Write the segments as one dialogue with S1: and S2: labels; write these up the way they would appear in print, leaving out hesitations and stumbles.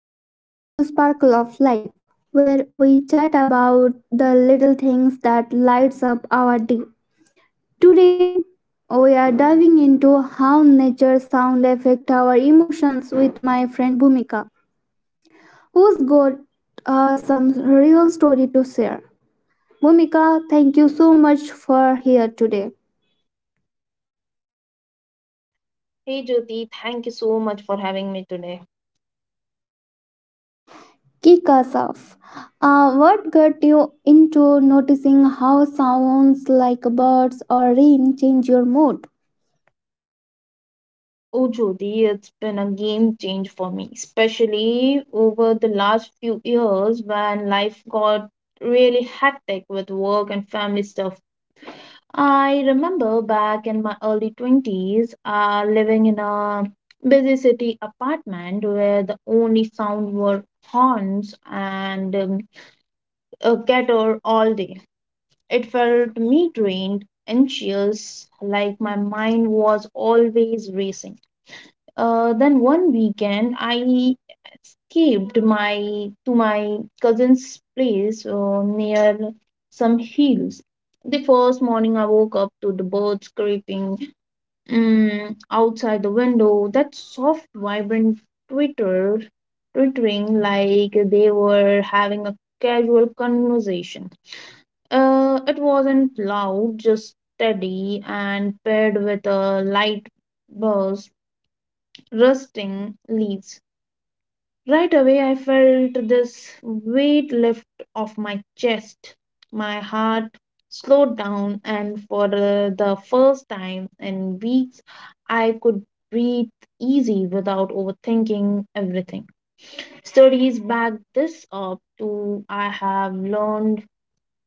S1: and welcome back to Sparkle of Life, where we chat about the little things that lights up our day. Today, we are diving into how nature's sound affect our emotions with my friend Bhumika, who's got some real story to share. Bhumika, thank you so much for here today.
S2: Hey Jyoti, thank you so much for having me today.
S1: Kick us off. What got you into noticing how sounds like birds or rain change your mood?
S2: Oh Jyoti, it's been a game change for me, especially over the last few years when life got really hectic with work and family stuff. I remember back in my early 20s, living in a busy city apartment where the only sound were horns and a guitar all day. It felt me drained, anxious, like my mind was always racing. Then one weekend, I escaped my to my cousin's place near some hills. The first morning, I woke up to the birds creeping outside the window. That soft, vibrant twitter, twittering like they were having a casual conversation. It wasn't loud, just steady and paired with a light burst, rusting leaves. Right away, I felt this weight lift off my chest. My heart slowed down, and for the first time in weeks, I could breathe easy without overthinking everything. Studies back this up, too. I have learned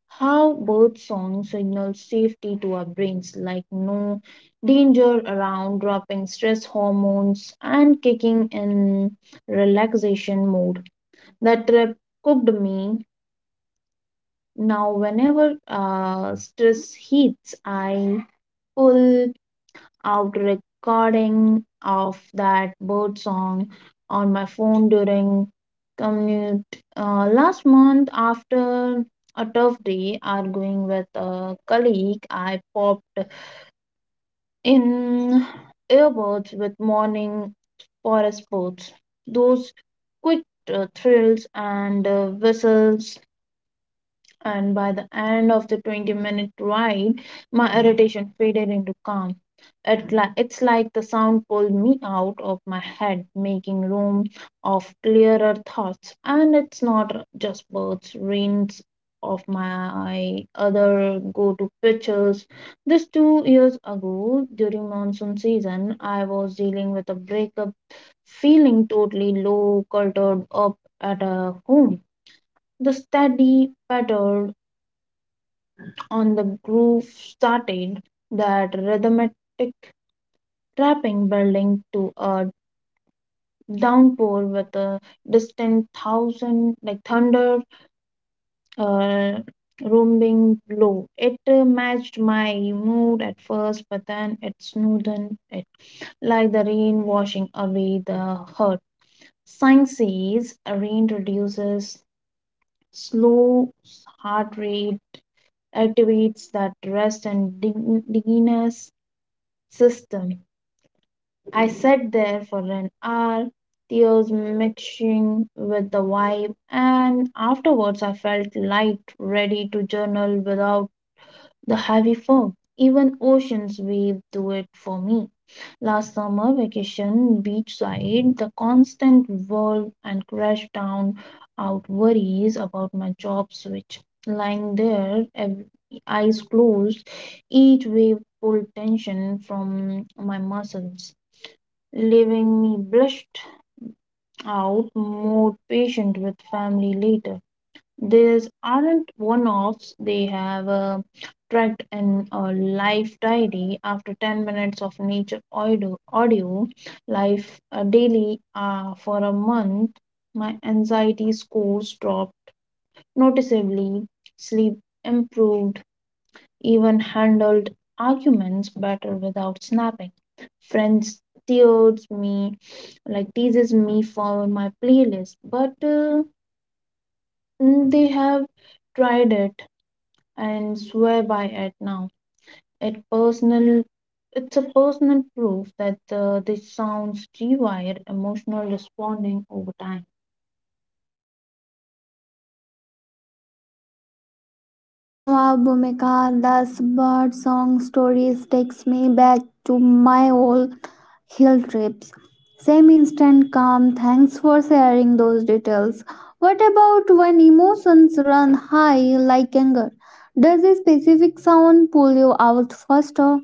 S2: how both songs signal safety to our brains like no danger around dropping stress hormones and kicking in relaxation mode that trip cooked me now whenever stress hits I pull out recording of that bird song on my phone during commute. Last month, after a tough day arguing with a colleague, I popped in earbuds with morning forest birds. Those quick thrills and whistles and by the end of the 20-minute ride, my irritation faded into calm. It's like the sound pulled me out of my head, making room of clearer thoughts. And it's not just birds, rains of my other go to pictures. This 2 years ago, during monsoon season, I was dealing with a breakup, feeling totally low, cultured up at a home the steady patter on the groove started, that rhythmic trapping building to a downpour with a distant thousand like thunder uh, rumbling low. It matched my mood at first, but then it smoothened it, like the rain washing away the hurt. Science says rain reduces slow heart rate, activates that rest and diginess system I sat there for an hour, tears mixing with the vibe, and afterwards I felt light, ready to journal without the heavy fog. Even oceans wave do it for me. Last summer vacation, beachside, the constant whirl and crash down out worries about my job switch. Lying there, eyes closed, each wave pulled tension from my muscles leaving me blushed out, more patient with family later. These aren't one offs, they have a tracked in a life diary after 10 minutes of nature audio life daily for a month. My anxiety scores dropped noticeably, sleep improved, even handled arguments better without snapping. Friends teases me, like teases me for my playlist, but they have tried it and swear by it now. It personal, it's a personal proof that this sounds rewired emotional responding over time.
S1: Oh wow, Bhumika, those bird song stories takes me back to my old hill trips. Same instant calm. Thanks for sharing those details. What about when emotions run high like anger? Does a specific sound pull you out faster?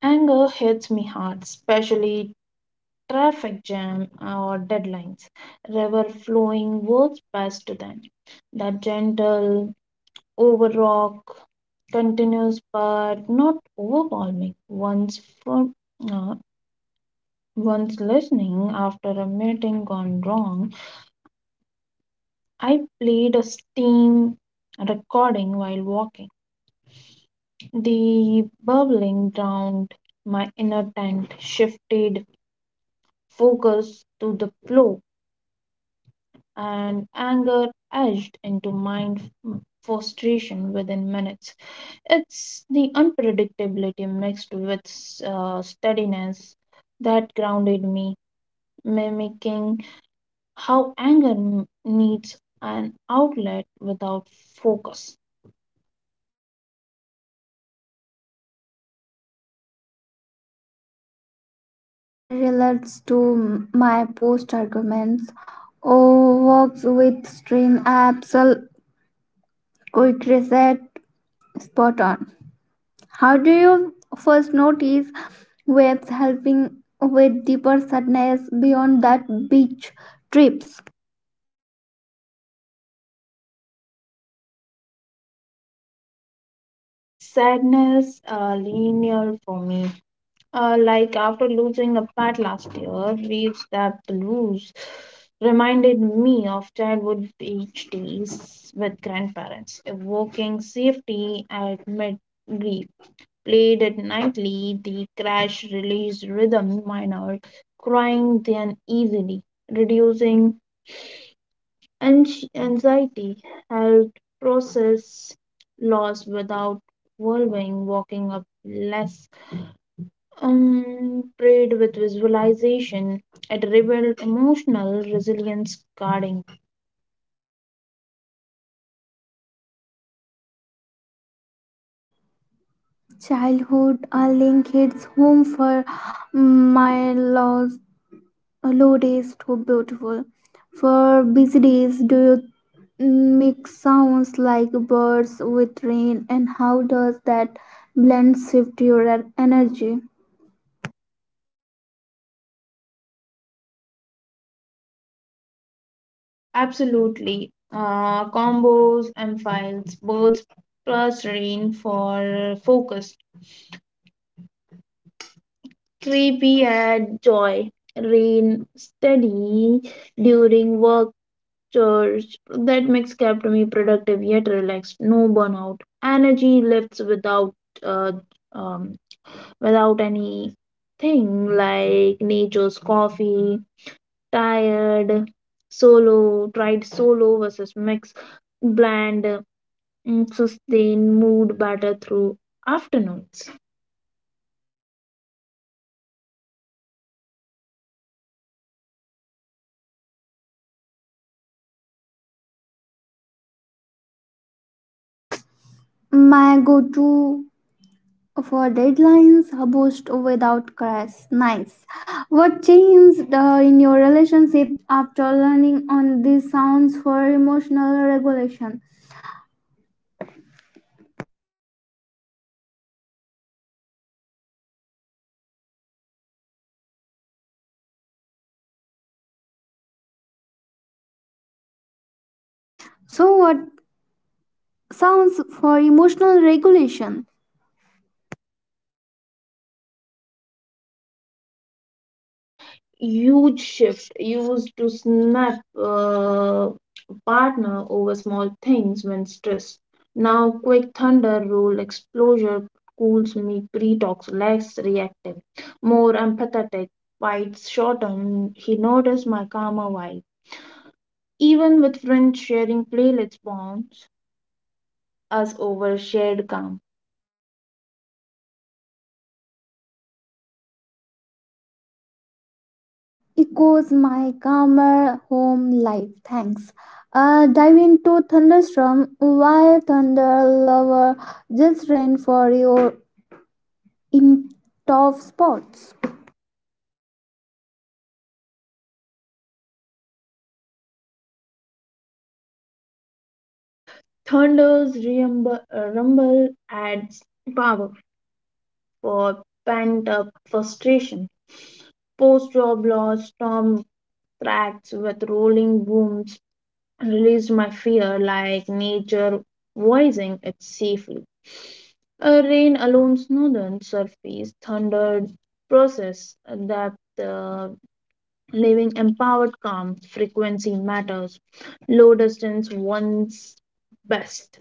S2: Anger hits me hard, especially traffic jam or deadlines. River flowing works best then. That gentle, over rock, continuous but not overwhelming. Uh, once listening after a meeting gone wrong, I played a steam recording while walking. The bubbling drowned my inner tent, shifted focus to the flow and anger edged into mind frustration within minutes. It's the unpredictability mixed with steadiness that grounded me, mimicking how anger needs an outlet without focus.
S1: Mm, relates to my post arguments. Oh, works with stream apps. Quick reset. Spot on. How do you first notice waves helping with deeper sadness beyond that beach trips?
S2: Sadness linear for me. Like after losing a pet last year, waves that blues reminded me of childhood beach days with grandparents, evoking safety at mid-grief. Played it nightly, the crash release rhythm minor, crying then easily, reducing anxiety, helped process loss without whirling, walking up less prayed with visualization. It revealed emotional resilience guarding.
S1: Childhood a link hits home for my lows, low days too beautiful. For busy days, do you make sounds like birds with rain and how does that blend shift your energy
S2: Absolutely. Combos, and files, birds plus rain for focus. Creepy add joy. Rain steady during work chores. That mix kept me productive yet relaxed. No burnout. Energy lifts without uh, um, without anything like nature's coffee, tired, solo, tried solo versus mix, bland, sustain mood better through afternoons.
S1: my go-to for deadlines boost without crash. Nice. What changed in your relationship after learning on these sounds for emotional regulation? So, what sounds for emotional regulation?
S2: Huge shift used to snap partner over small things when stressed. Now, quick thunder roll exposure cools me pre-talks, less reactive, more empathetic, fights shorten. He noticed my calmer vibe. Even with friends sharing playlists bonds us over shared calm.
S1: Echoes my calmer home life. Thanks. Dive into thunderstorm. Why thunder lover? Just rain for your in top spots.
S2: Thunders rumble, rumble adds power for pent up frustration. Post job loss, storm tracks with rolling booms released my fear like nature voicing it safely. A rain alone smoothed surface, thundered process that uh, living empowered calm frequency matters. Low distance once best.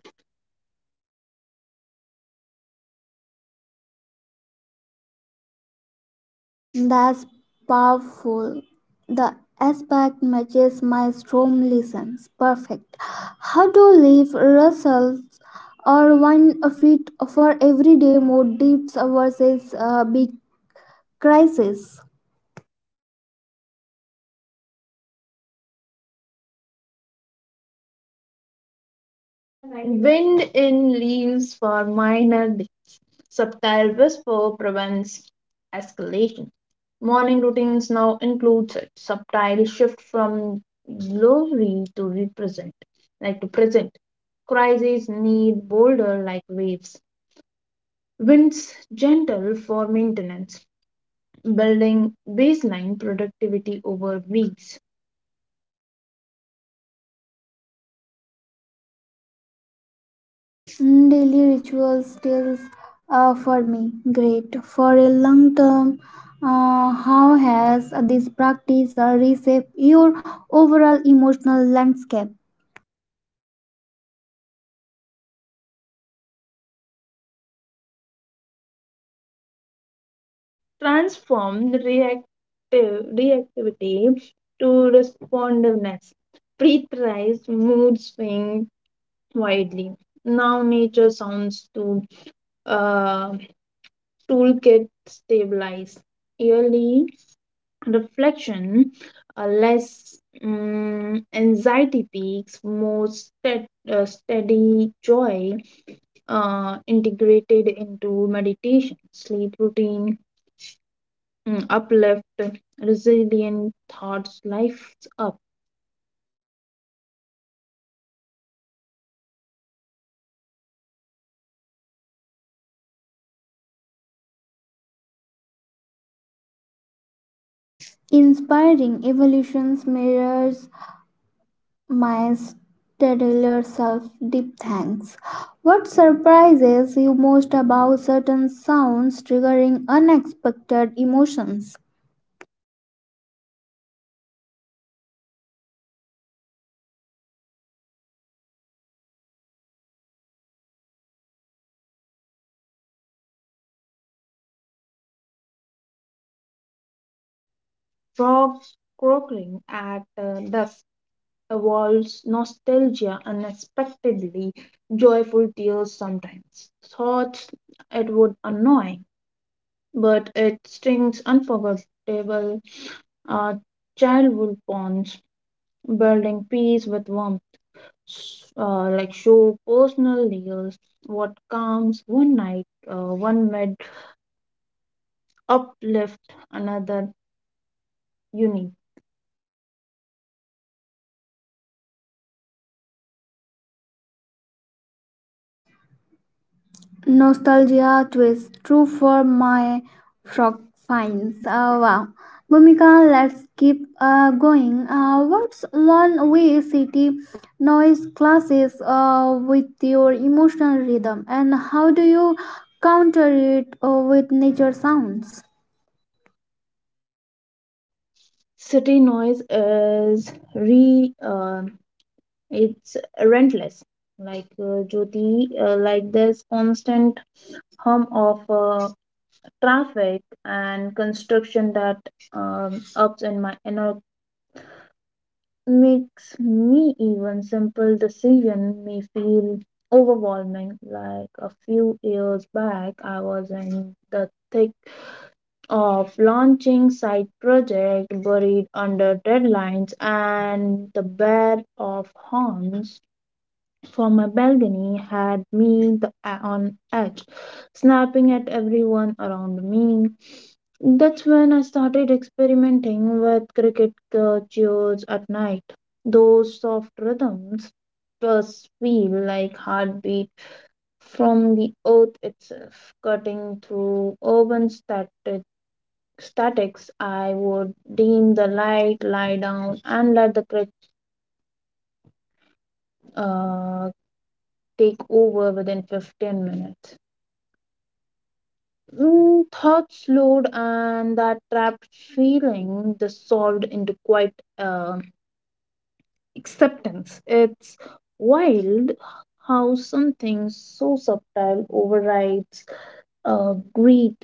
S1: That's powerful. The aspect matches my storm lessons. Perfect. How to leave results or one fit for everyday mode dips versus big crisis.
S2: Wind in leaves for minor subtle whisper prevents escalation. Morning routines now includes it. Subtle shift from glory to represent, like to present. Crises need bolder like waves. Winds gentle for maintenance. Building baseline productivity over weeks.
S1: Mm, daily rituals still for me. Great. For a long term, how has this practice reshaped your overall emotional landscape?
S2: Transform the reactive reactivity to responsiveness. Pre-thrice mood swings widely. Now nature sounds to uh, toolkit stabilize yearly reflection, less anxiety peaks, more steady joy integrated into meditation, sleep routine, uplift, resilient thoughts, life up.
S1: Inspiring evolutions mirrors my stellar self, deep thanks. What surprises you most about certain sounds triggering unexpected emotions?
S2: Frogs croaking at dusk evolves nostalgia unexpectedly, joyful tears sometimes, thoughts it would annoy, but it strings unforgettable uh, childhood bonds, building peace with warmth. s- like show personal layers, what calms one night, one mid uplift another unique.
S1: Nostalgia twist, true for my frog finds. Wow. Bhumika, let's keep going. What's one way city noise clashes with your emotional rhythm, and how do you counter it with nature sounds?
S2: City noise is re. Uh, It's relentless. Like Jyoti, like there's constant hum of traffic and construction that ups in my inner makes me even simple decision may feel overwhelming. Like a few years back, I was in the thick of launching side project buried under deadlines and the bear of horns from my balcony had me on edge, snapping at everyone around me. That's when I started experimenting with cricket cheers at night. Those soft rhythms just feel like heartbeat from the earth itself, cutting through urban statics. I would dim the light, lie down, and let the cricket uh, take over within 15 minutes. Thoughts load and that trapped feeling dissolved into quite uh, acceptance. It's wild how something so subtle overrides greed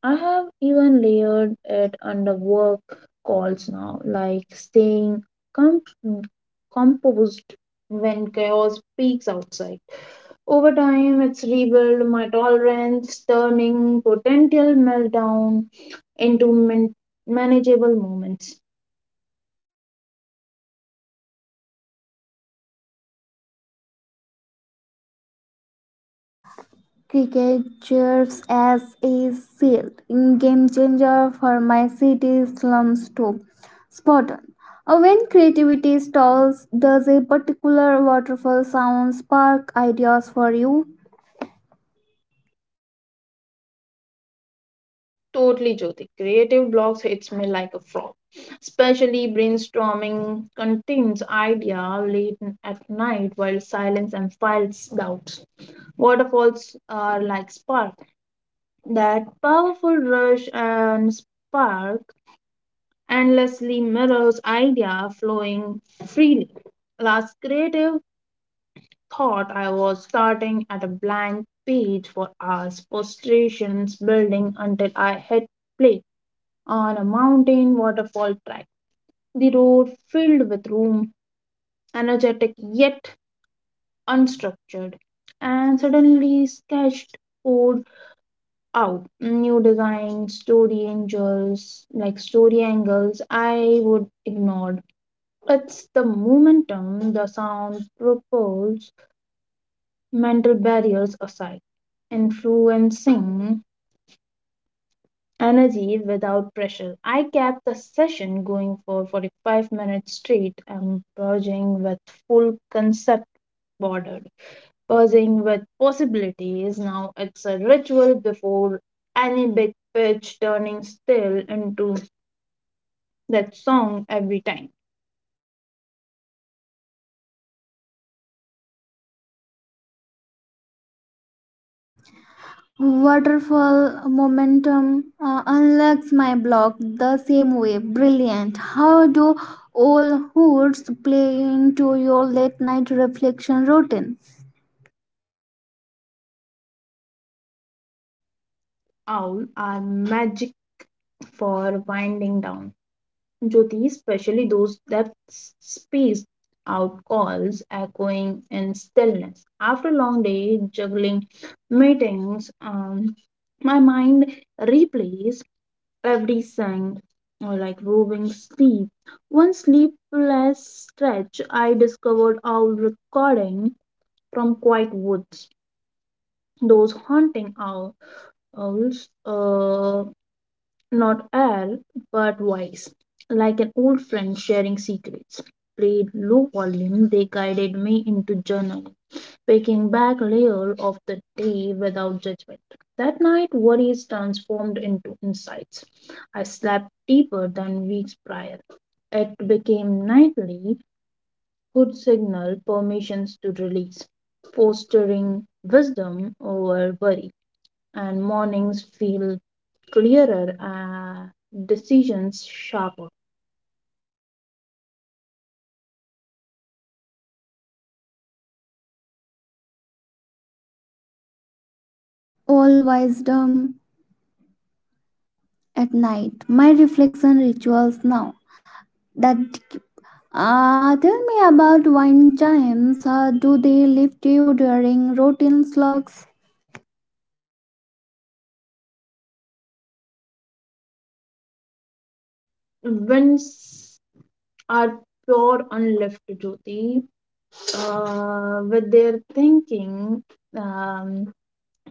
S2: I have even layered it under work calls now, like staying com- composed when chaos peaks outside. Over time, it's rebuilt my tolerance, turning potential meltdown into manageable moments.
S1: Cricket serves as a shield in game changer for my city slums too. Spot on. When creativity stalls, does a particular waterfall sound spark ideas for you?
S2: Totally, Jyoti. Creative blocks hits me like a frog. Especially brainstorming contains idea late at night while silence and files doubts. Waterfalls are like spark. That powerful rush and spark endlessly mirrors idea flowing freely. Last creative thought I was starting at a blank page for hours, frustrations building until I hit play on a mountain waterfall track. The road filled with room, energetic yet unstructured, and suddenly sketched out new design story angels like story angles I would ignored. It's the momentum the sound propels mental barriers aside influencing energy without pressure. I kept the session going for 45 minutes straight, purging with full concept bordered, purging with possibilities. Now it's a ritual before any big pitch turning still into that song every time.
S1: Waterfall momentum unlocks my block the same way. Brilliant. How do all hoods play into your late night reflection routine?
S2: Owl are magic for winding down. Jyoti, especially those that spaced out calls echoing in stillness. After a long day juggling meetings, my mind replays every sign or like roving sleep. One sleepless stretch, I discovered owl recording from quiet woods. Those haunting owls, not air, but voice, like an old friend sharing secrets. Played low volume, they guided me into journaling, picking back layer of the day without judgment. That night, worries transformed into insights. I slept deeper than weeks prior. It became nightly, could signal permissions to release, fostering wisdom over worry and mornings feel clearer and decisions sharper.
S1: All wisdom. At night. My reflection rituals now that tell me about wine chimes. How do they lift you during routine slugs?
S2: Winds are pure unlifted Jyoti with their thinking um,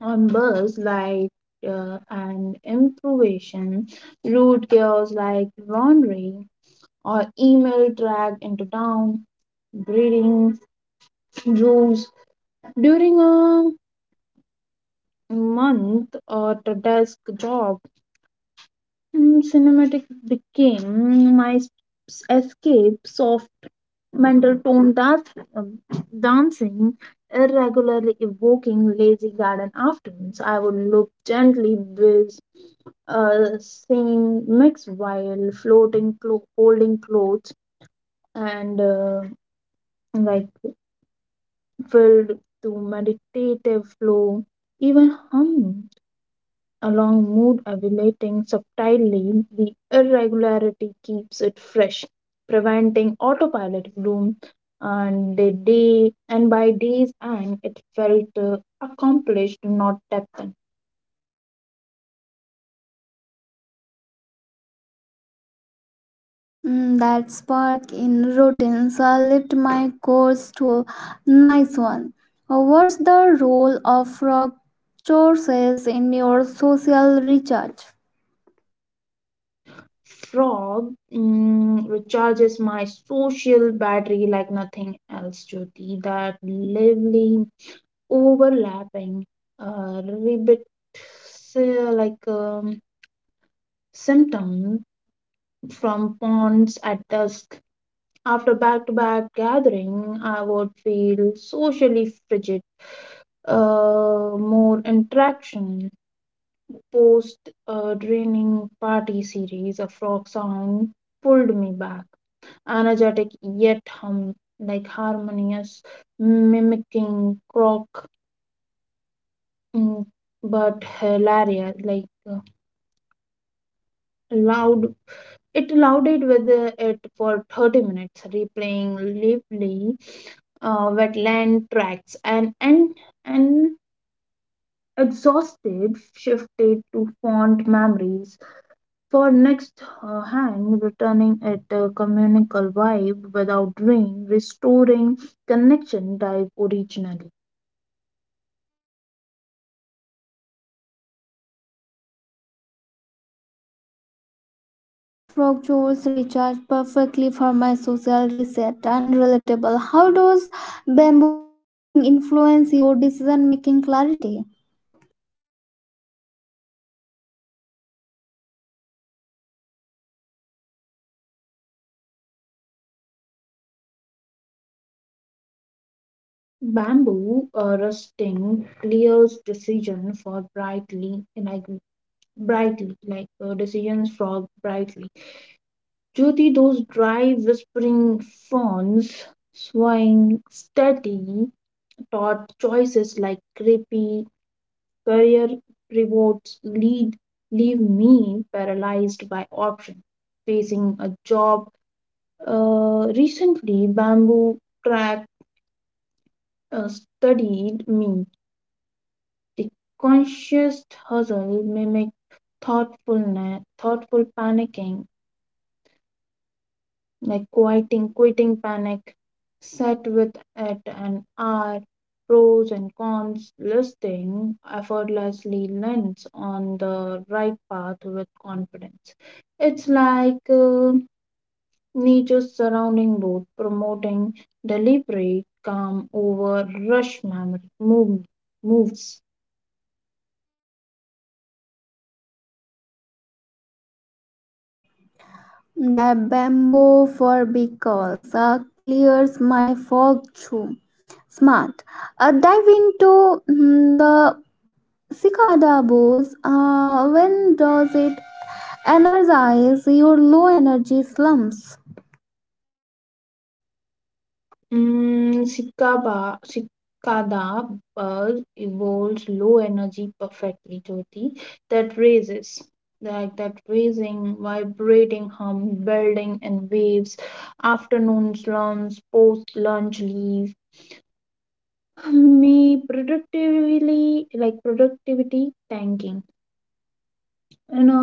S2: on birds like an improvisation, rude chaos like laundry or email dragged into town, breeding rules during a month at a desk job. And cinematic became my escape soft mental tone dancing irregularly evoking lazy garden afternoons I would look gently with same mix while floating holding clothes and like filled to meditative flow even humming along mood elevating subtly the irregularity keeps it fresh preventing autopilot bloom and the day and by day's end it felt accomplished not depthen.
S1: Mm, that spark in routines lift my course to nice one. What's the role of rock choruses in your social recharge?
S2: Frog recharges my social battery like nothing else Jyoti. That lively overlapping uh, ribbit s- like um, symptom from ponds at dusk. After back to back gathering, I would feel socially frigid, more interaction. Post draining party series, a frog sound pulled me back. Energetic yet hum, like harmonious, mimicking croak, mm, but hilarious, like uh, loud. It louded with it for 30 minutes, replaying lively wetland tracks and exhausted shifted to fond memories for next hang returning it a communal vibe without drain restoring connection type originally.
S1: That frog juice recharge perfectly for my social reset and relatable. How does bamboo rustling influence your decision making clarity?
S2: Bamboo rusting clears decision for brightly like decisions for brightly Jyoti, those dry, whispering fawns, swaying steady, taught choices like creepy career pivots lead leave me paralyzed by option. Facing a job, recently bamboo track studied me. The conscious hustle mimicked thoughtful quitting panic, set with at an hour, pros and cons, listing effortlessly lands on the right path with confidence. It's like nature's surrounding both promoting deliberate, calm over rush moves.
S1: The bamboo for big calls clears my fog too. Smart. Dive into mm, the cicada booze. When does it energize your low energy slumps?
S2: Cicada bulb evolves low energy perfectly, Jyoti, that raises, like that raising, vibrating hum, building in waves, afternoon slumps, post-lunch leave, like productivity tanking. In a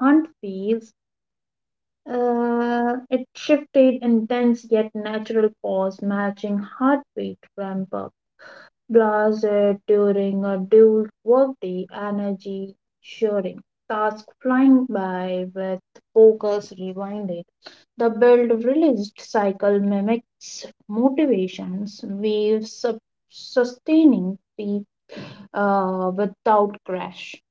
S2: hunt phase, it shifted intense yet natural pause, matching heart rate ramp blazed during a dual workday, energy sharing task flying by with focus rewinded. The build released cycle mimics motivations, waves sustaining peak without crash.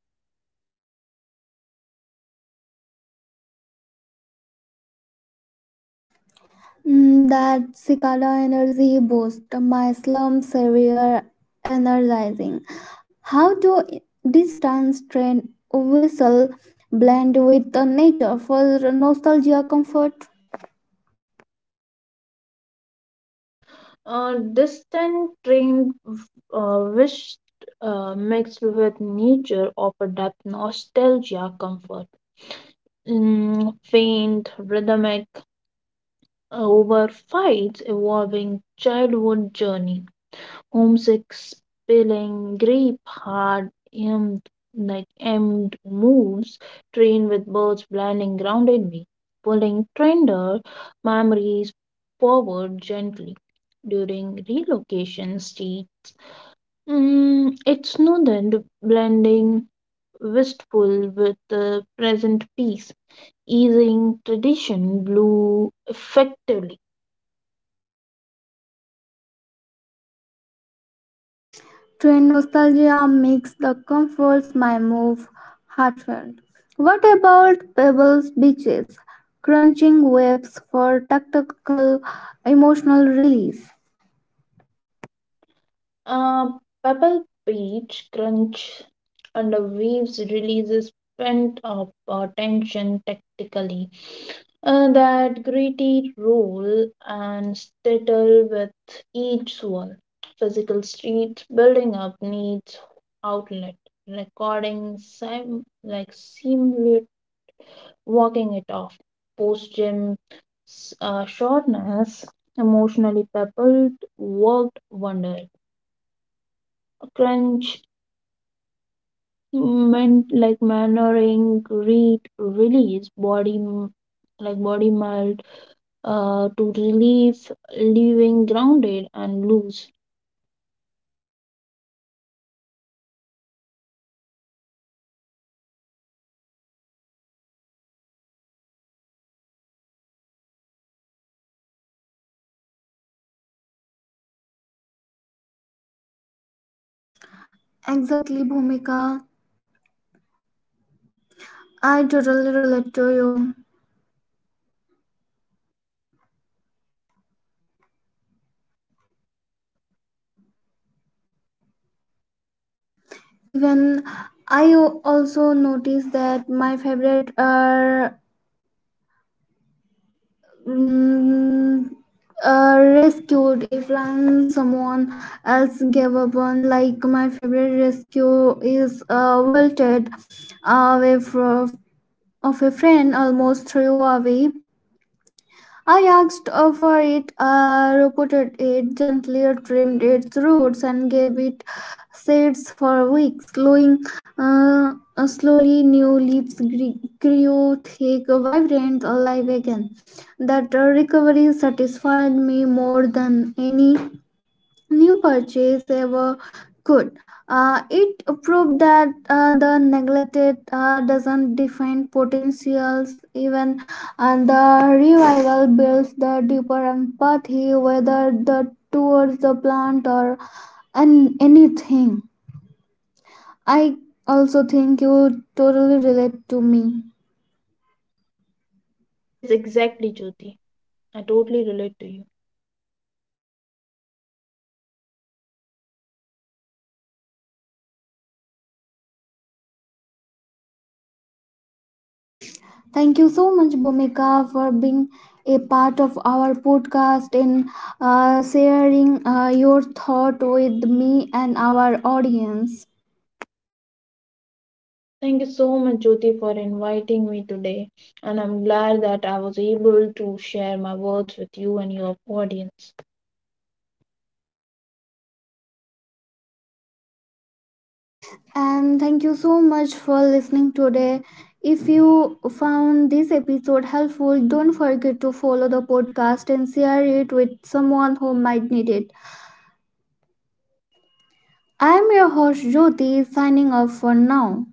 S1: Mm, that cicada energy boost, my slump severe energizing. How do this train whistle blend with the nature for nostalgia comfort?
S2: Distant train wished mixed with nature of a depth, nostalgia, comfort faint, rhythmic, over fights involving childhood journey, homesick, spilling, grape, hard aimed like aimed moves, train with birds blinding grounded me, pulling tender, memories forward gently during relocation states. It's noted blending wistful with the present peace, easing tradition blue effectively.
S1: Train nostalgia makes the comforts my move heartfelt. What about pebbles beaches? Crunching waves for tactical emotional release.
S2: Uh, pebble beach crunch under waves releases pent up tension tactically. That gritty roll and settle with each swirl. Physical streets building up needs outlet. Recording like simulate walking it off. Post gym shortness, emotionally pebbled, worked wonder. Crunch meant like mannering, read, release, like body mild, to relieve, leaving grounded and loose.
S1: Exactly, Bhumika. I totally relate to you. Even I also noticed that my favorite are mm, rescued if someone else gave up on like my favorite rescue is wilted away from of a friend almost threw away. I asked for it, reported it, gently trimmed its roots, and gave it shades for weeks. Uh, slowly, new leaves grew thick, vibrant, alive again. That recovery satisfied me more than any new purchase ever could. It proved that the neglected doesn't define potentials, even and the revival builds the deeper empathy, whether the towards the plant or an anything. I also think you totally relate to me.
S2: Yes, exactly, Jyoti. I totally relate to you.
S1: Thank you so much, Bhumika, for being a part of our podcast and sharing your thought with me and our audience.
S2: Thank you so much, Jyoti, for inviting me today, and I'm glad that I was able to share my words with you and your audience.
S1: And thank you so much for listening today. If you found this episode helpful, don't forget to follow the podcast and share it with someone who might need it. I'm your host, Jyoti, signing off for now.